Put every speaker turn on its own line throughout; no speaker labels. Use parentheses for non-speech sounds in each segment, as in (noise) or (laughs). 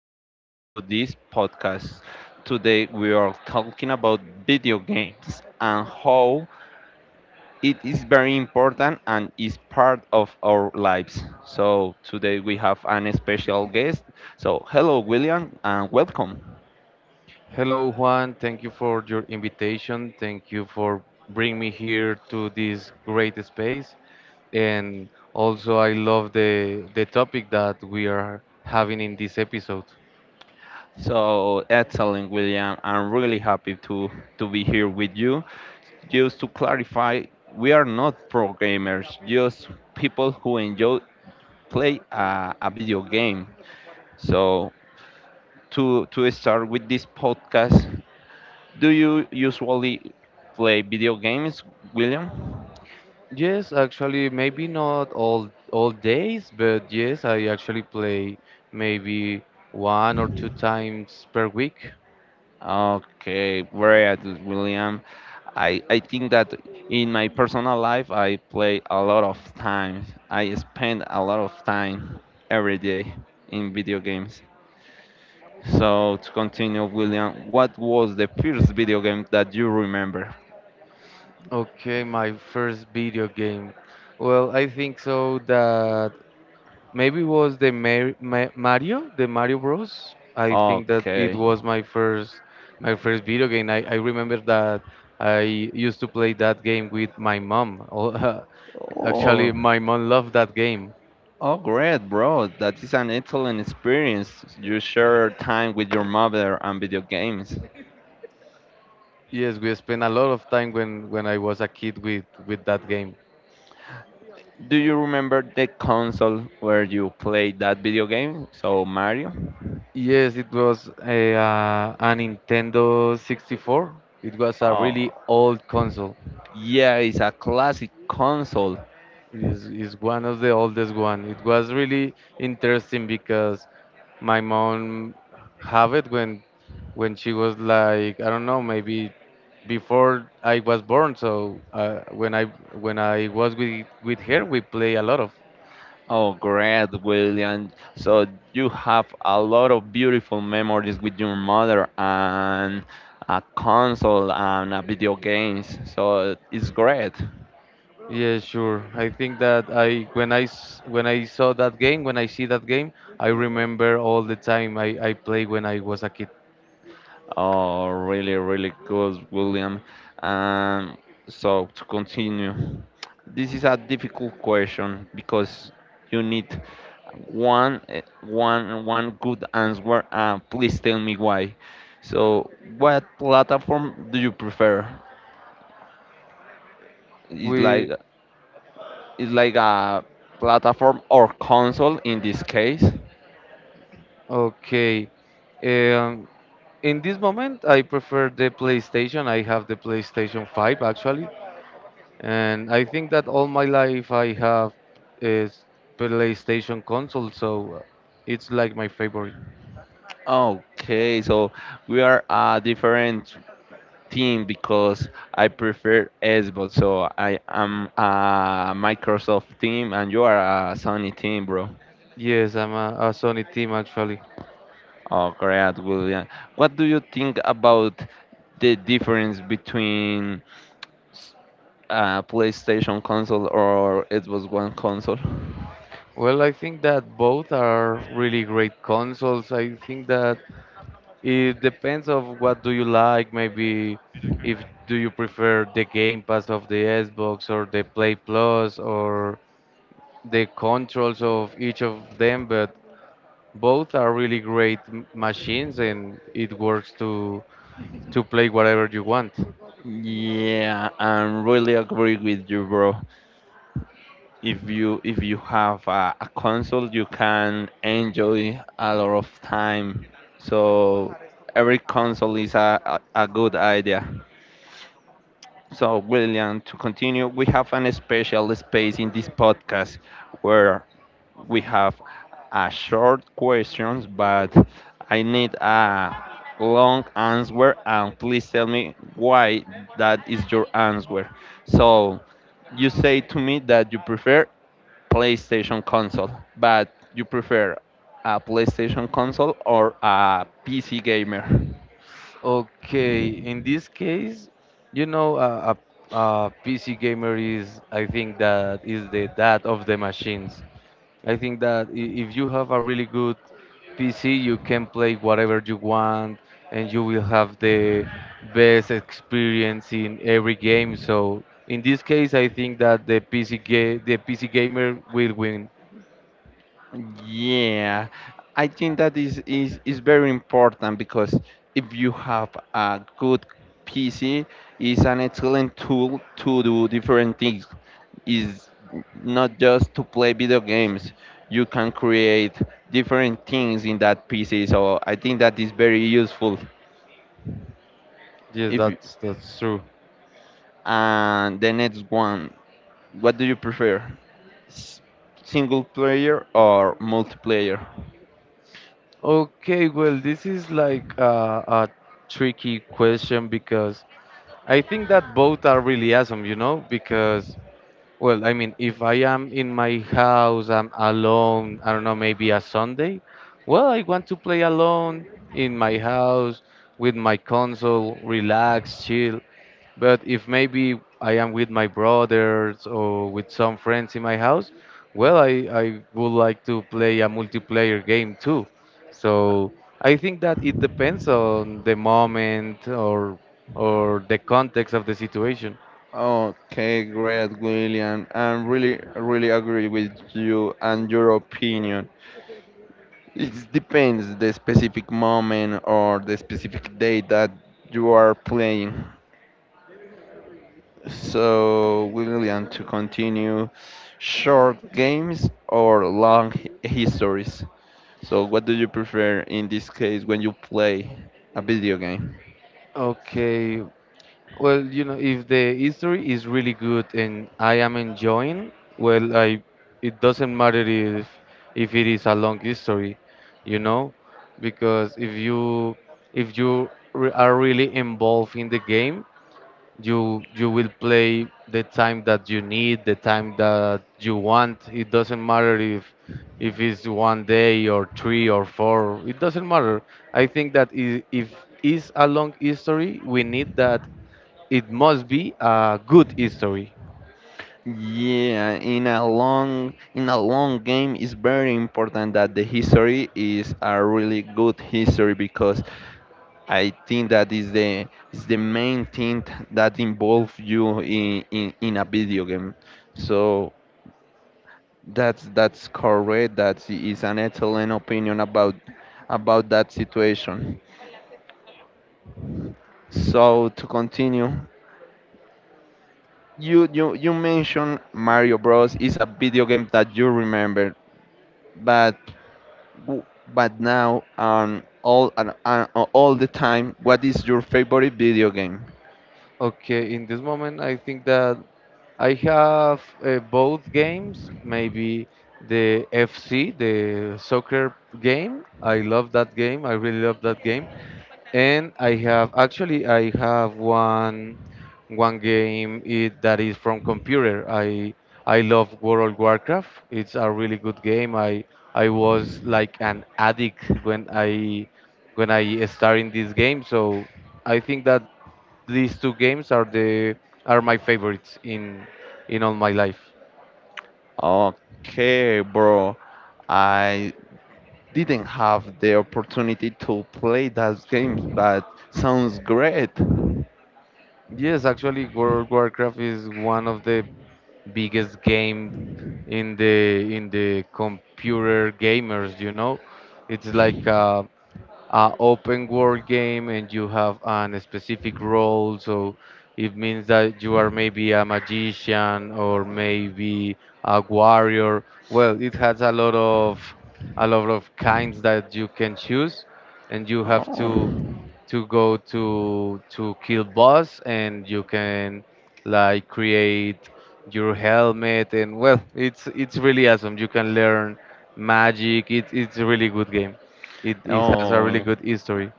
welcome to this podcast. Today, we are talking about video games and how it is very important and is part of our lives. So, today we have an special guest. So, hello, William, and welcome.
Hello, Juan. Thank you for your invitation. Thank you for bringing me here to this great space. And also, I love the topic that we are having in this episode.
So, excellent, William. I'm really happy to be here with you. Just to clarify, we are not pro gamers, just people who enjoy play a video game. So to start with this podcast, do you usually play video games, William?
Yes, actually, maybe not all days, but yes, I actually play maybe one or two times per week.
Okay, very good, William. I think that in my personal life I play a lot of time. I spend a lot of time every day in video games. So to continue, William, what was the first video game that you remember?
Okay, my first video game. Well, I think so that maybe was the Mario, the Mario Bros. I think that it
Okay.
was my first video game. I remember that I used to play that game with my mom. Oh, (laughs) Actually,
Oh.
my mom loved that game.
Oh, great, bro. That is an excellent experience. You share time with your mother and video games.
Yes, we spent a lot of time when I was a kid with that game.
Do you remember the console where you played that video game? So, Mario?
Yes, it was a Nintendo 64. It was a
Oh,
really old console.
yeah, it's a classic console.
Is one of the oldest one. It was really interesting because my mom have it when she was like I don't know maybe before I was born. So when I was with her, we play a lot of.
Oh, great, William. So, you have a lot of beautiful memories with your mother and a console and a video games. So, it's great.
Yeah, sure. I think that I when I s- when I saw that game, I remember all the time I played when I was a kid.
Oh, really, really good, William. Um, so to continue, this is a difficult question because you need one, one good answer. And please tell me why. So, what platform do you prefer? It's like
We
it's like a platform or console in this case.
Okay. Um, In this moment, I prefer the PlayStation. I have the PlayStation 5 actually, and I think that all my life I have a PlayStation console, so it's like my favorite.
Okay, so we are a different team because I prefer Xbox. So I am a Microsoft team and you are a Sony team, bro.
Yes, I'm a Sony team actually.
Oh, great, William. What do you think about the difference between PlayStation console or Xbox One console?
Well, I think that both are really great consoles. I think that it depends of what do you like. Maybe if do you prefer the Game Pass of the Xbox or the Play Plus or the controls of each of them, but both are really great machines and it works to play whatever you want.
Yeah, I am really agree with you, bro. If you have a console you can enjoy a lot of time, so every console is a good idea. So, William, to continue, we have an special space in this podcast where we have a short questions, but I need a long answer, and please tell me why that is your answer. So you say to me that you prefer PlayStation console, but you prefer a PlayStation console or a PC gamer?
Okay, in this case, you know, a PC gamer is, I think, that is the dad of the machines. I think that if you have a really good PC, you can play whatever you want, and you will have the best experience in every game. So in this case, I think that the the PC gamer will win.
Yeah, I think that is very important because if you have a good PC, is an excellent tool to do different things. Is not just to play video games. You can create different things in that PC. So I think that is very useful.
Yes,
If
that's true.
and the next one, what do you prefer? S- Single player or multiplayer?
Okay, well, this is like a tricky question because I think that both are really awesome, you know. Because Well, I mean, if I am in my house, I'm alone, I don't know, maybe a Sunday, well, I want to play alone in my house with my console, relax, chill. But if maybe I am with my brothers or with some friends in my house, well, I would like to play a multiplayer game too. So I think that it depends on the moment or the context of the situation.
Okay, great, William. I really, really agree with you and your opinion. It depends the specific moment or the specific day that you are playing. So, William, to continue, short games or long histories? So, what do you prefer in this case when you play a video game?
Okay, well, you know, if the history is really good and I am enjoying, well, I it doesn't matter if it is a long history, you know, because if you are really involved in the game, you will play the time that you need, the time that you want. It doesn't matter if it's one day or three or four. It doesn't matter. I think that if is a long history, we need that it must be a good history.
Yeah, in a long game, it's very important that the history is a really good history because I think that is the main thing that involve you in a video game. So that's correct. That is an excellent opinion about that situation. So to continue, you mentioned Mario Bros. Is a video game that you remember, but w- but now and all and all the time, what is your favorite video game?
Okay, in this moment, I think that I have both games. Maybe the FC, the soccer game. I love that game. I really love that game. And I have actually I have one game that is from computer. I love World of Warcraft. It's a really good game. I was like an addict when I started this game. So I think that these two games are the are my favorites in all my life.
Okay, bro. I didn't have the opportunity to play those games, but sounds great.
Yes, actually, World of Warcraft is one of the biggest game in the computer gamers, you know, it's like a open world game, and you have an specific role, so it means that you are maybe a magician or maybe a warrior. Well, it has a lot of kinds that you can choose, and you have to
Oh,
to go to kill boss, and you can like create your helmet, and, well, it's really awesome. You can learn magic. It's a really good game. It has a really
oh,
good history.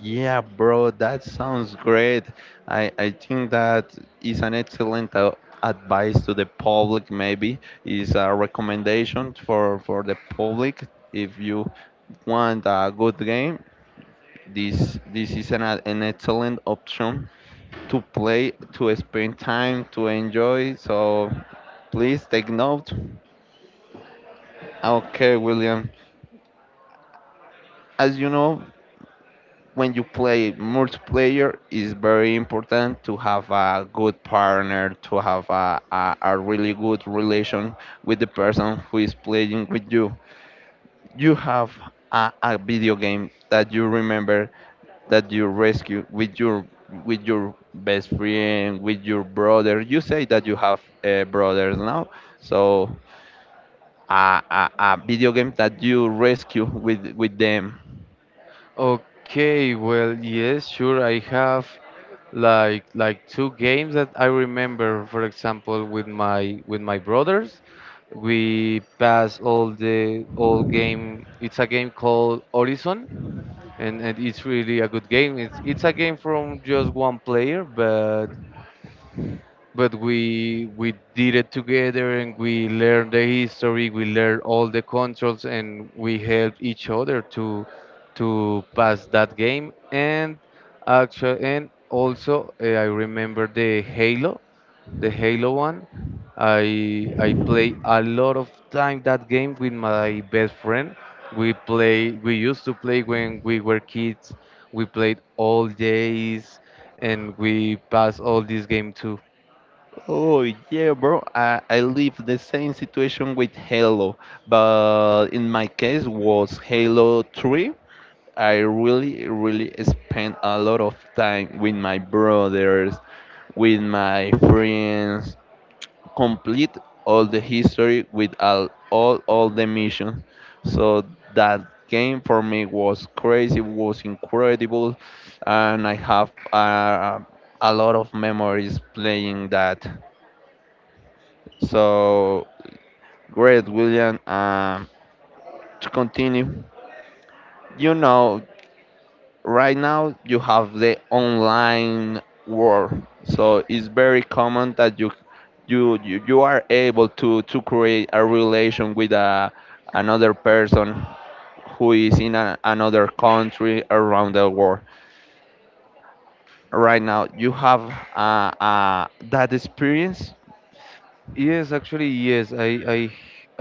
yeah, bro, that sounds great. I think that is an excellent advice to the public, maybe, is a recommendation for the public. If you want a good game, this is an excellent option to play, to spend time, to enjoy. So please take note. Okay, William. As you know, when you play multiplayer, it's very important to have a good partner, to have a really good relation with the person who is playing with you. You have a video game that you remember that you rescue with your best friend, with your brother? You say that you have brothers now. So a video game that you rescue with them?
Okay, well, yes, sure, I have like two games that I remember, for example, with my brothers. We pass all the all game. It's a game called Horizon, and it's really a good game. It's a game from just one player, but we did it together, and we learned the history, we learned all the controls, and we helped each other to pass that game. And actually, and also, I remember the Halo, one. I play a lot of time that game with my best friend. We used to play when we were kids, we played all days, and we passed all this game too.
Oh, yeah, bro, I live the same situation with halo, but in my case was halo 3. I really, really spend a lot of time with my brothers, with my friends, complete all the history with all the missions. So that game for me was crazy, was incredible, and I have a lot of memories playing that. So great, William. To continue, you know, right now you have the online world, so it's very common that you are able to create a relation with another person who is in another country around the world. Right now you have that experience?
Yes, actually, yes. I I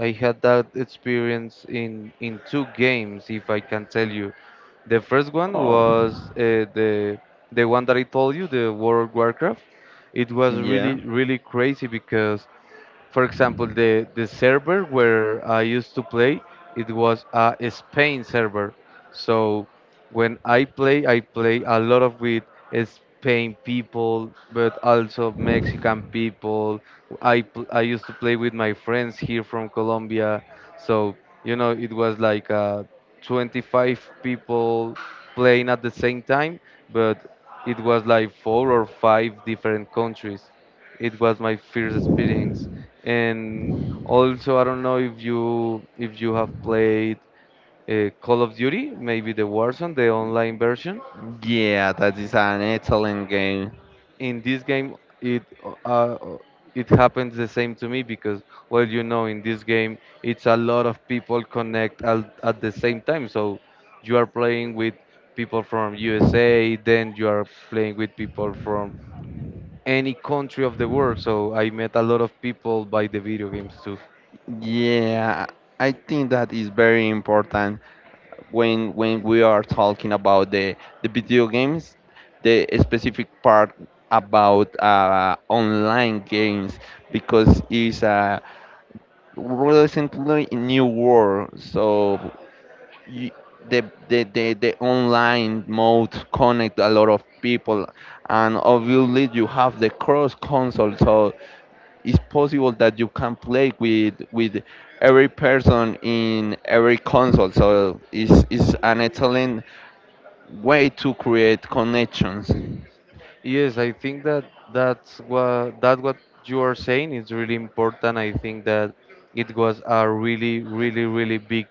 I had that experience in two games, if I can tell you. The first one
Oh,
was the one that I told you, the World of Warcraft. It was really
yeah.
really crazy because, for example, the server where I used to play, it was a Spain server. So when I play a lot of with Spain people, but also Mexican people. I used to play with my friends here from Colombia. So, you know, it was like 25 people playing at the same time, but it was like four or five different countries. It was my first experience. And also, I don't know if you have played Call of Duty, maybe the Warzone, the online version.
Yeah, that is an excellent game.
In this game, it uh, it happens the same to me because, well, you know, in this game, it's a lot of people connect at the same time. So you are playing with people from USA, then you are playing with people from any country of the world. So I met a lot of people by the video games too.
Yeah, I think that is very important. When we are talking about the video games, the specific part about online games, because it's a relatively new world. So you, the the online mode connect a lot of people, and obviously you have the cross console, so it's possible that you can play with every person in every console. So it's an excellent way to create connections.
Yes, I think that that's what that what you are saying is really important. I think that it was a really, really, really big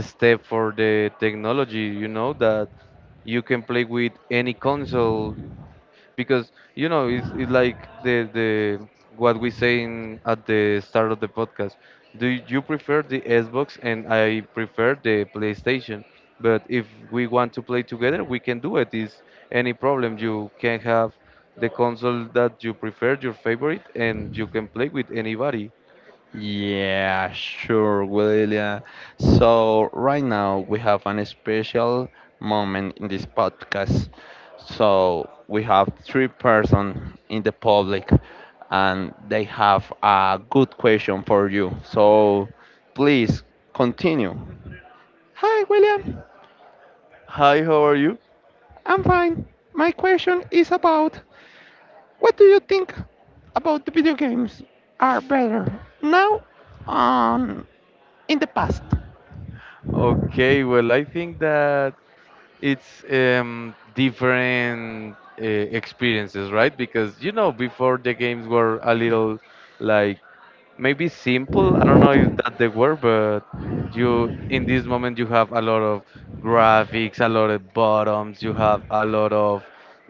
step for the technology. You know that you can play with any console because, you know, it's like the what we saying at the start of the podcast. Do you prefer the Xbox, and I prefer the PlayStation, but if we want to play together, we can do it. Is any problem. You can have the console that you prefer, your favorite, and you can play with anybody.
Yeah, sure, William. So, right now we have an special moment in this podcast. So, we have three persons in the public and they have a good question for you. So, please continue. Hi, William.
Hi, how are you?
I'm fine. My question is about, what do you think about the video games are better now on in the past?
Okay, well, I think that it's different experiences, right? Because, you know, before the games were a little like maybe simple. I don't know if that the word, but you in this moment you have a lot of graphics, a lot of bottoms, you have a lot of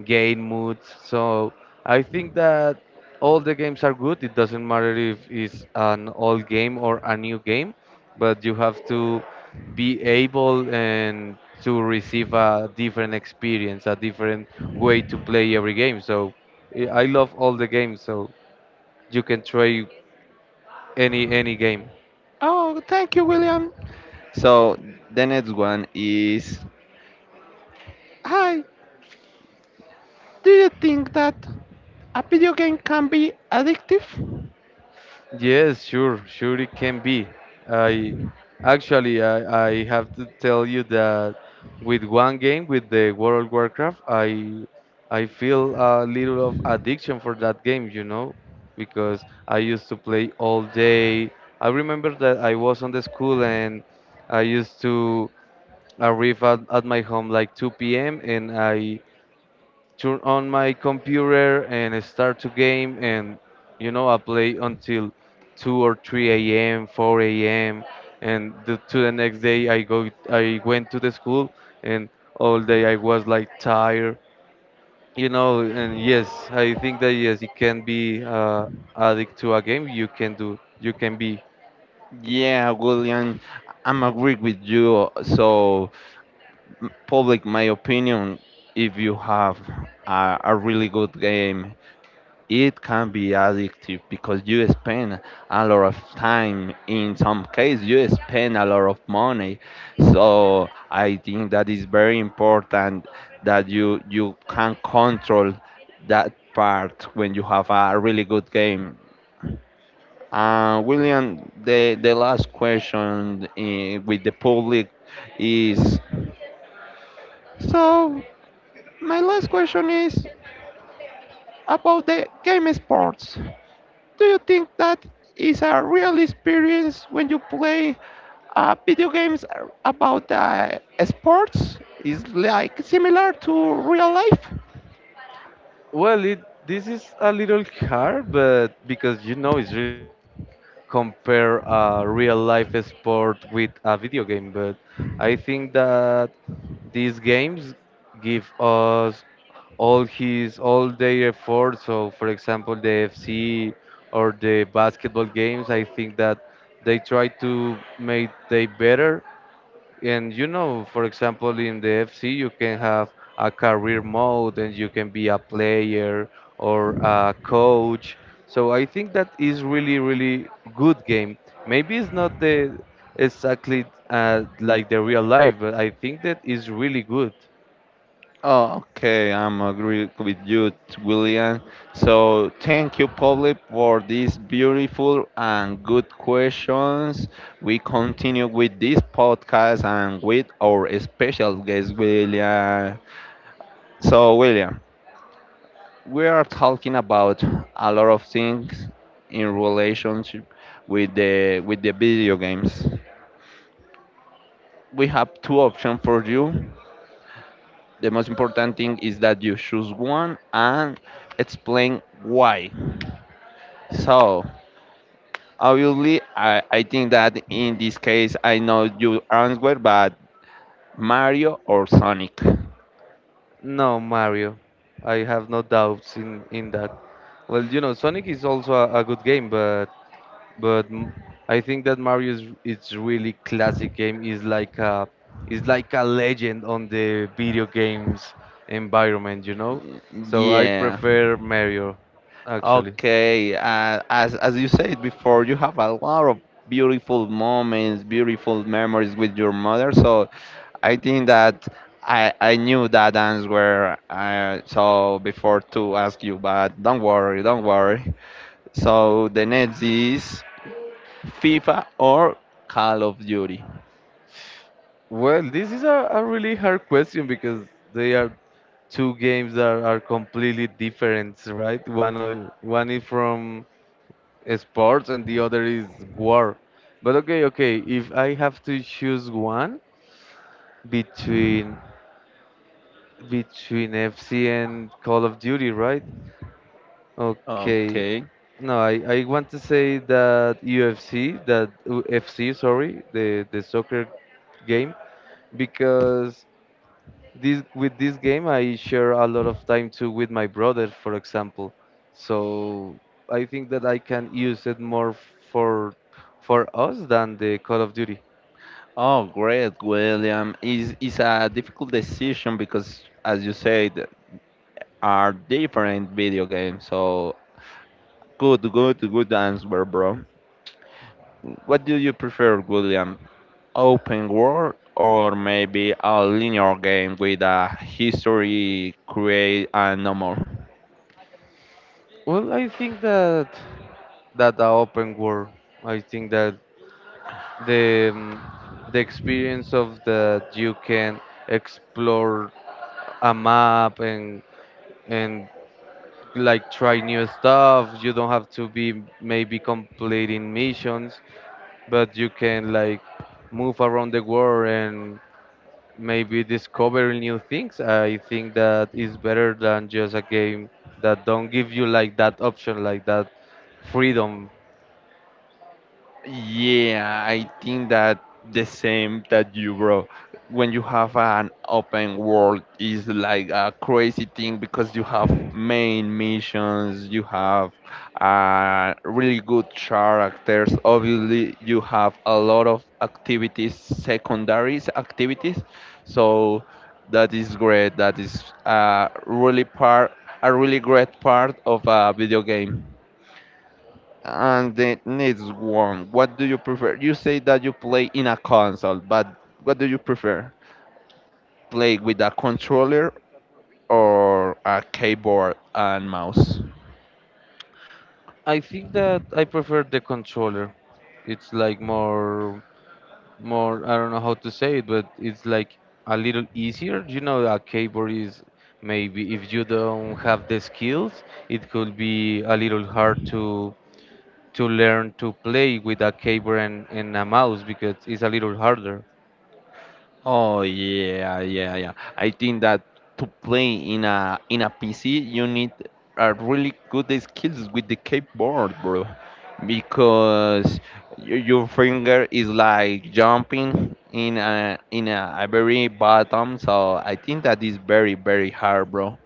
game moods. So I think that all the games are good. It doesn't matter if it's an old game or a new game, but you have to be able and to receive a different experience, a different way to play every game. So I love all the games. So you can try any game.
Oh, thank you, William. So the next one is, hi, do you think that a video game can be addictive?
Yes, sure, sure it can be. I I have to tell you that with one game, with the World of Warcraft, I feel a little of addiction for that game, you know, because I used to play all day. I remember that I was on the school, and I used to arrive at my home like 2 p.m. and I turn on my computer and start to game, and, you know, I play until 2 or 3 a.m 4 a.m, and to the next day I went to the school, and all day I was like tired, you know. And yes, I think that yes you can be addict to a game, you can do, you can be.
Yeah, William, I'm agree with you. So public, my opinion, if you have a really good game, it can be addictive because you spend a lot of time. In some case you spend a lot of money, so I think that is very important that you can control that part when you have a really good game. William, the last question, with the public, is, so, my last question is about the game sports. Do you think that is a real experience when you play video games about sports? Is like similar to real life?
Well, it this is a little hard, but because you know it's really hard like compare a real life sport with a video game, but I think that these games give us all their efforts. So, for example, the FC or the basketball games, I think that they try to make they better, and, you know, for example, in the FC, you can have a career mode, and you can be a player or a coach. So I think that is really, really good game. Maybe it's not the exactly like the real life, but I think that is really good.
Okay, I'm agree with you, William. So thank you, Pablo, for these beautiful and good questions. We continue with this podcast and with our special guest, William. So, William, we are talking about a lot of things in relationship with the video games. We have two options for you. The most important thing is that you choose one and explain why. So obviously, I think that in this case I know you answer, but Mario or Sonic?
No, Mario, I have no doubts in that. Well, you know, Sonic is also a good game, but but m- I think that Mario is it's really classic game. Is like a legend on the video games environment, you know. So I
Yeah.
prefer Mario, actually.
Okay, as you said before, you have a lot of beautiful moments, beautiful memories with your mother. So, I think that I knew that answer. So before to ask you, but don't worry, don't worry. So the next is FIFA or Call of Duty.
Well, this is a really hard question because they are two games that are completely different, right? One is from sports and the other is war. But okay, if I have to choose one between FC and Call of Duty, right? Okay.
Okay.
No, I want to say that UFC, that FC, sorry, the soccer game, because this with this game I share a lot of time too with my brother, for example. So I think that I can use it more for us than the Call of Duty.
Oh, great, William. Is a difficult decision because, as you said, are different video games. So, good, good, good answer, bro. What do you prefer, William? Open world or maybe a linear game with a history, create, and no more?
Well, I think that the open world. I think that the um, the experience of that you can explore a map and and like try new stuff. You don't have to be maybe completing missions, but you can like move around the world and maybe discover new things. I think that is better than just a game that don't give you like that option, like that freedom.
Yeah, I think that the same that you, bro. When you have an open world is like a crazy thing because you have main missions, you have really good characters. Obviously, you have a lot of activities, secondaries activities. So that is great. That is a really part, a really great part of a video game. And the next one, what do you prefer? You say that you play in a console, but what do you prefer? Play with a controller or a keyboard and mouse?
I think that I prefer the controller. It's like more I don't know how to say it, but it's like a little easier. You know, a keyboard is maybe if you don't have the skills, it could be a little hard to learn to play with a keyboard and a mouse because it's a little harder.
Oh, yeah, yeah, yeah. I think that to play in a PC you need a really good skills with the keyboard, bro. Because your finger is like jumping in a a very bottom, so I think that is very very hard, bro.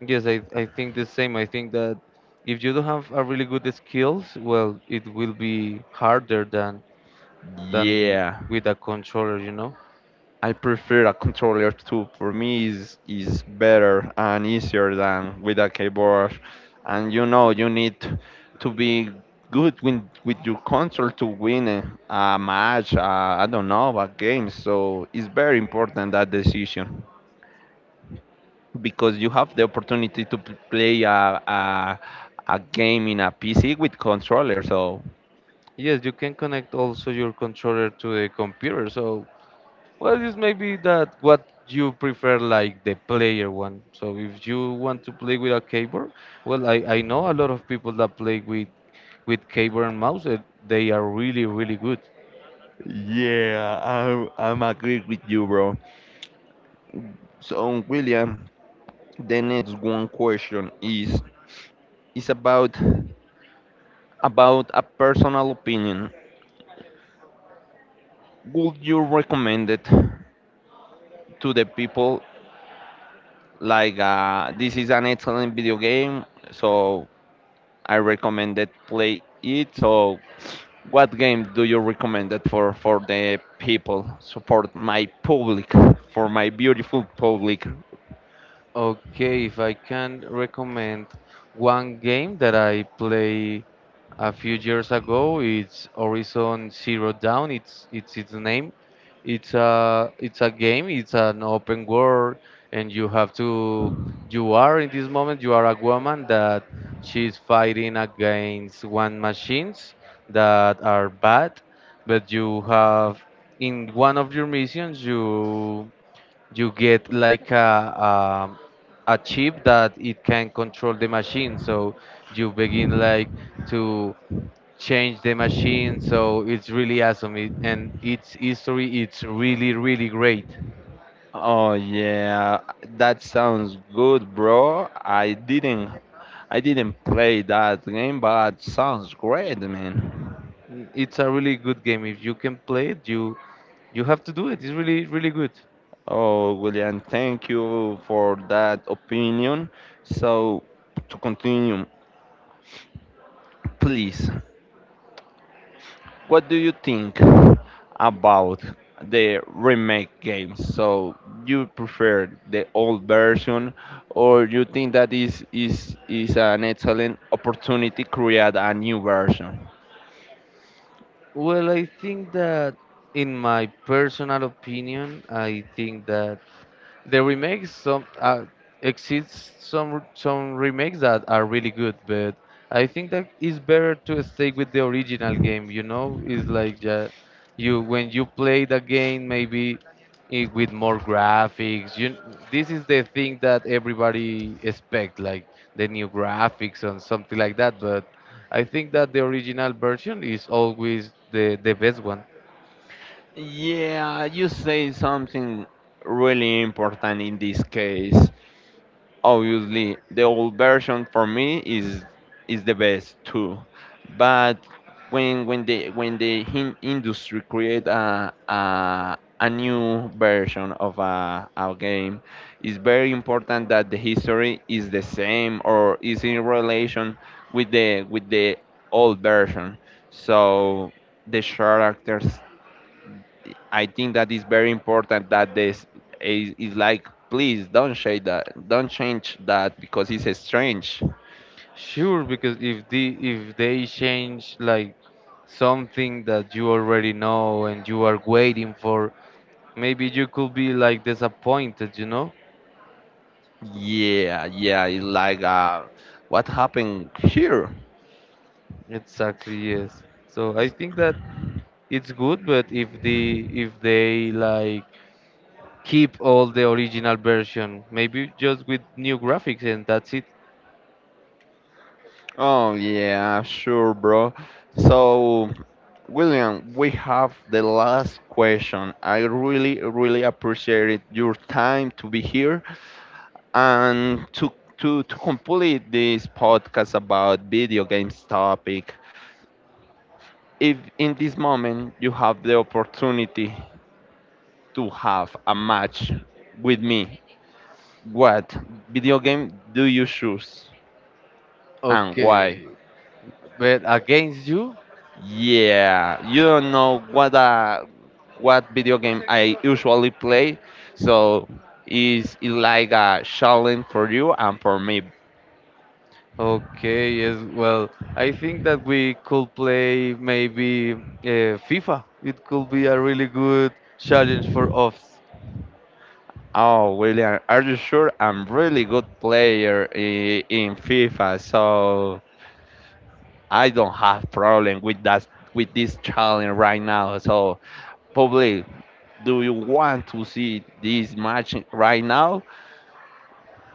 Yes, I think the same. I think that if you don't have a really good skills, well, it will be harder than than
Yeah.
with a controller, you know.
I prefer a controller too. For me, is better and easier than with a keyboard. And you know, you need to be good with your console to win a match. I don't know a game. So it's very important that decision because you have the opportunity to play a game in a PC with controller. So
Yes, you can connect also your controller to the computer, so well, this may be that what you prefer, like the player one. So if you want to play with a keyboard, well, I know a lot of people that play with keyboard and mouse. They are really really good.
yeah, I'm agree with you, bro. So William, the next one question is about a personal opinion. Would you recommend it to the people like, this is an excellent video game, so I recommend that play it? So what game do you recommend it for the people? So for my public, for my beautiful public.
Okay, if I can recommend one game that I play a few years ago, it's Horizon Zero Dawn. It's its name. It's a game. It's an open world, and you have to. You are in this moment. You are a woman that she's fighting against one machines that are bad, but you have in one of your missions you get like a chip that it can control the machine, so you begin like to change the machine. So it's really awesome it, and its history it's really really great.
Oh yeah, that sounds good, bro. I didn't play that game, but sounds great, man.
Mm, it's a really good game. If you can play it, you have to do it. It's really really good.
Oh, William, thank you for that opinion. So, to continue, please, what do you think about the remake games? So, you prefer the old version, or you think that is an excellent opportunity to create a new version?
Well, I think that in my personal opinion I think that the remakes some exists some remakes that are really good, but I think that it's better to stay with the original game, you know. It's like yeah, you when you play the game maybe it, with more graphics you this is the thing that everybody expect, like the new graphics and something like that. But I think that the original version is always the best one.
Yeah, you say something really important in this case. Obviously, the old version for me is the best too. But when the industry create a new version of a game, it's very important that the history is the same or is in relation with the old version. So the characters, I think that is very important that this is like, please don't change that, don't change that, because it's strange.
Sure, because if the if they change like something that you already know and you are waiting for, maybe you could be like disappointed, you know?
Yeah, yeah, it's like what happened here?
Exactly, yes. So I think that it's good, but if the if they like keep all the original version, maybe just with new graphics and that's it.
Oh yeah, sure bro. So William, we have the last question. I really really appreciate your time to be here and to to complete this podcast about video games topic. If in this moment you have the opportunity to have a match with me, what video game do you choose and why?
Okay, but against you,
Yeah, you don't know what video game I usually play, so it's it like a challenge for you and for me?
okay, yes. Well, I think that we could play maybe FIFA. It could be a really good challenge for us.
Oh, William, are you sure? I'm really good player in FIFA, so I don't have problem with that with this challenge right now. So probably, do you want to see this match right now?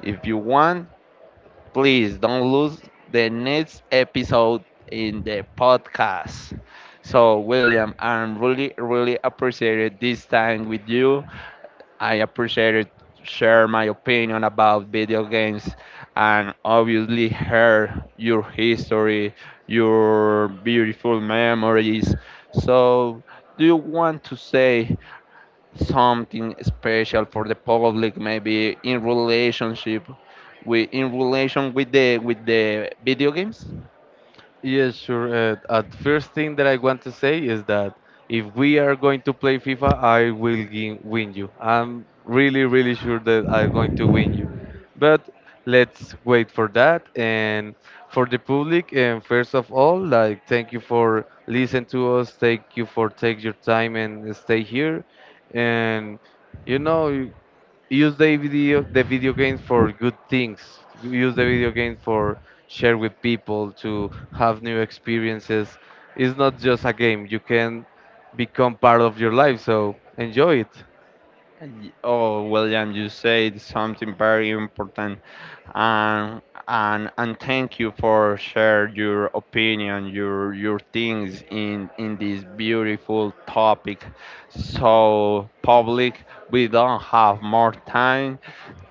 If you want, please don't lose the next episode in the podcast. So William, I'm really really appreciated this time with you. I appreciated share my opinion about video games and obviously hear your history, your beautiful memories. So do you want to say something special for the public maybe in relationship with in relation with the video games?
Yes, sure. At first thing that I want to say is that if we are going to play FIFA, win you. I'm really, really sure that I'm going to win you. But let's wait for that. And for the public, and first of all, like thank you for listening to us. Thank you for take your time and stay here. And you know, use the video games for good things. Use the video games for share with people to have new experiences. It's not just a game. You can become part of your life, so enjoy it.
Oh, William, you said something very important, and and thank you for share your opinion, your things in this beautiful topic. So public, we don't have more time,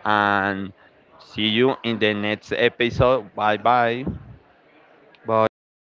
and see you in the next episode. Bye bye.
Bye everybody.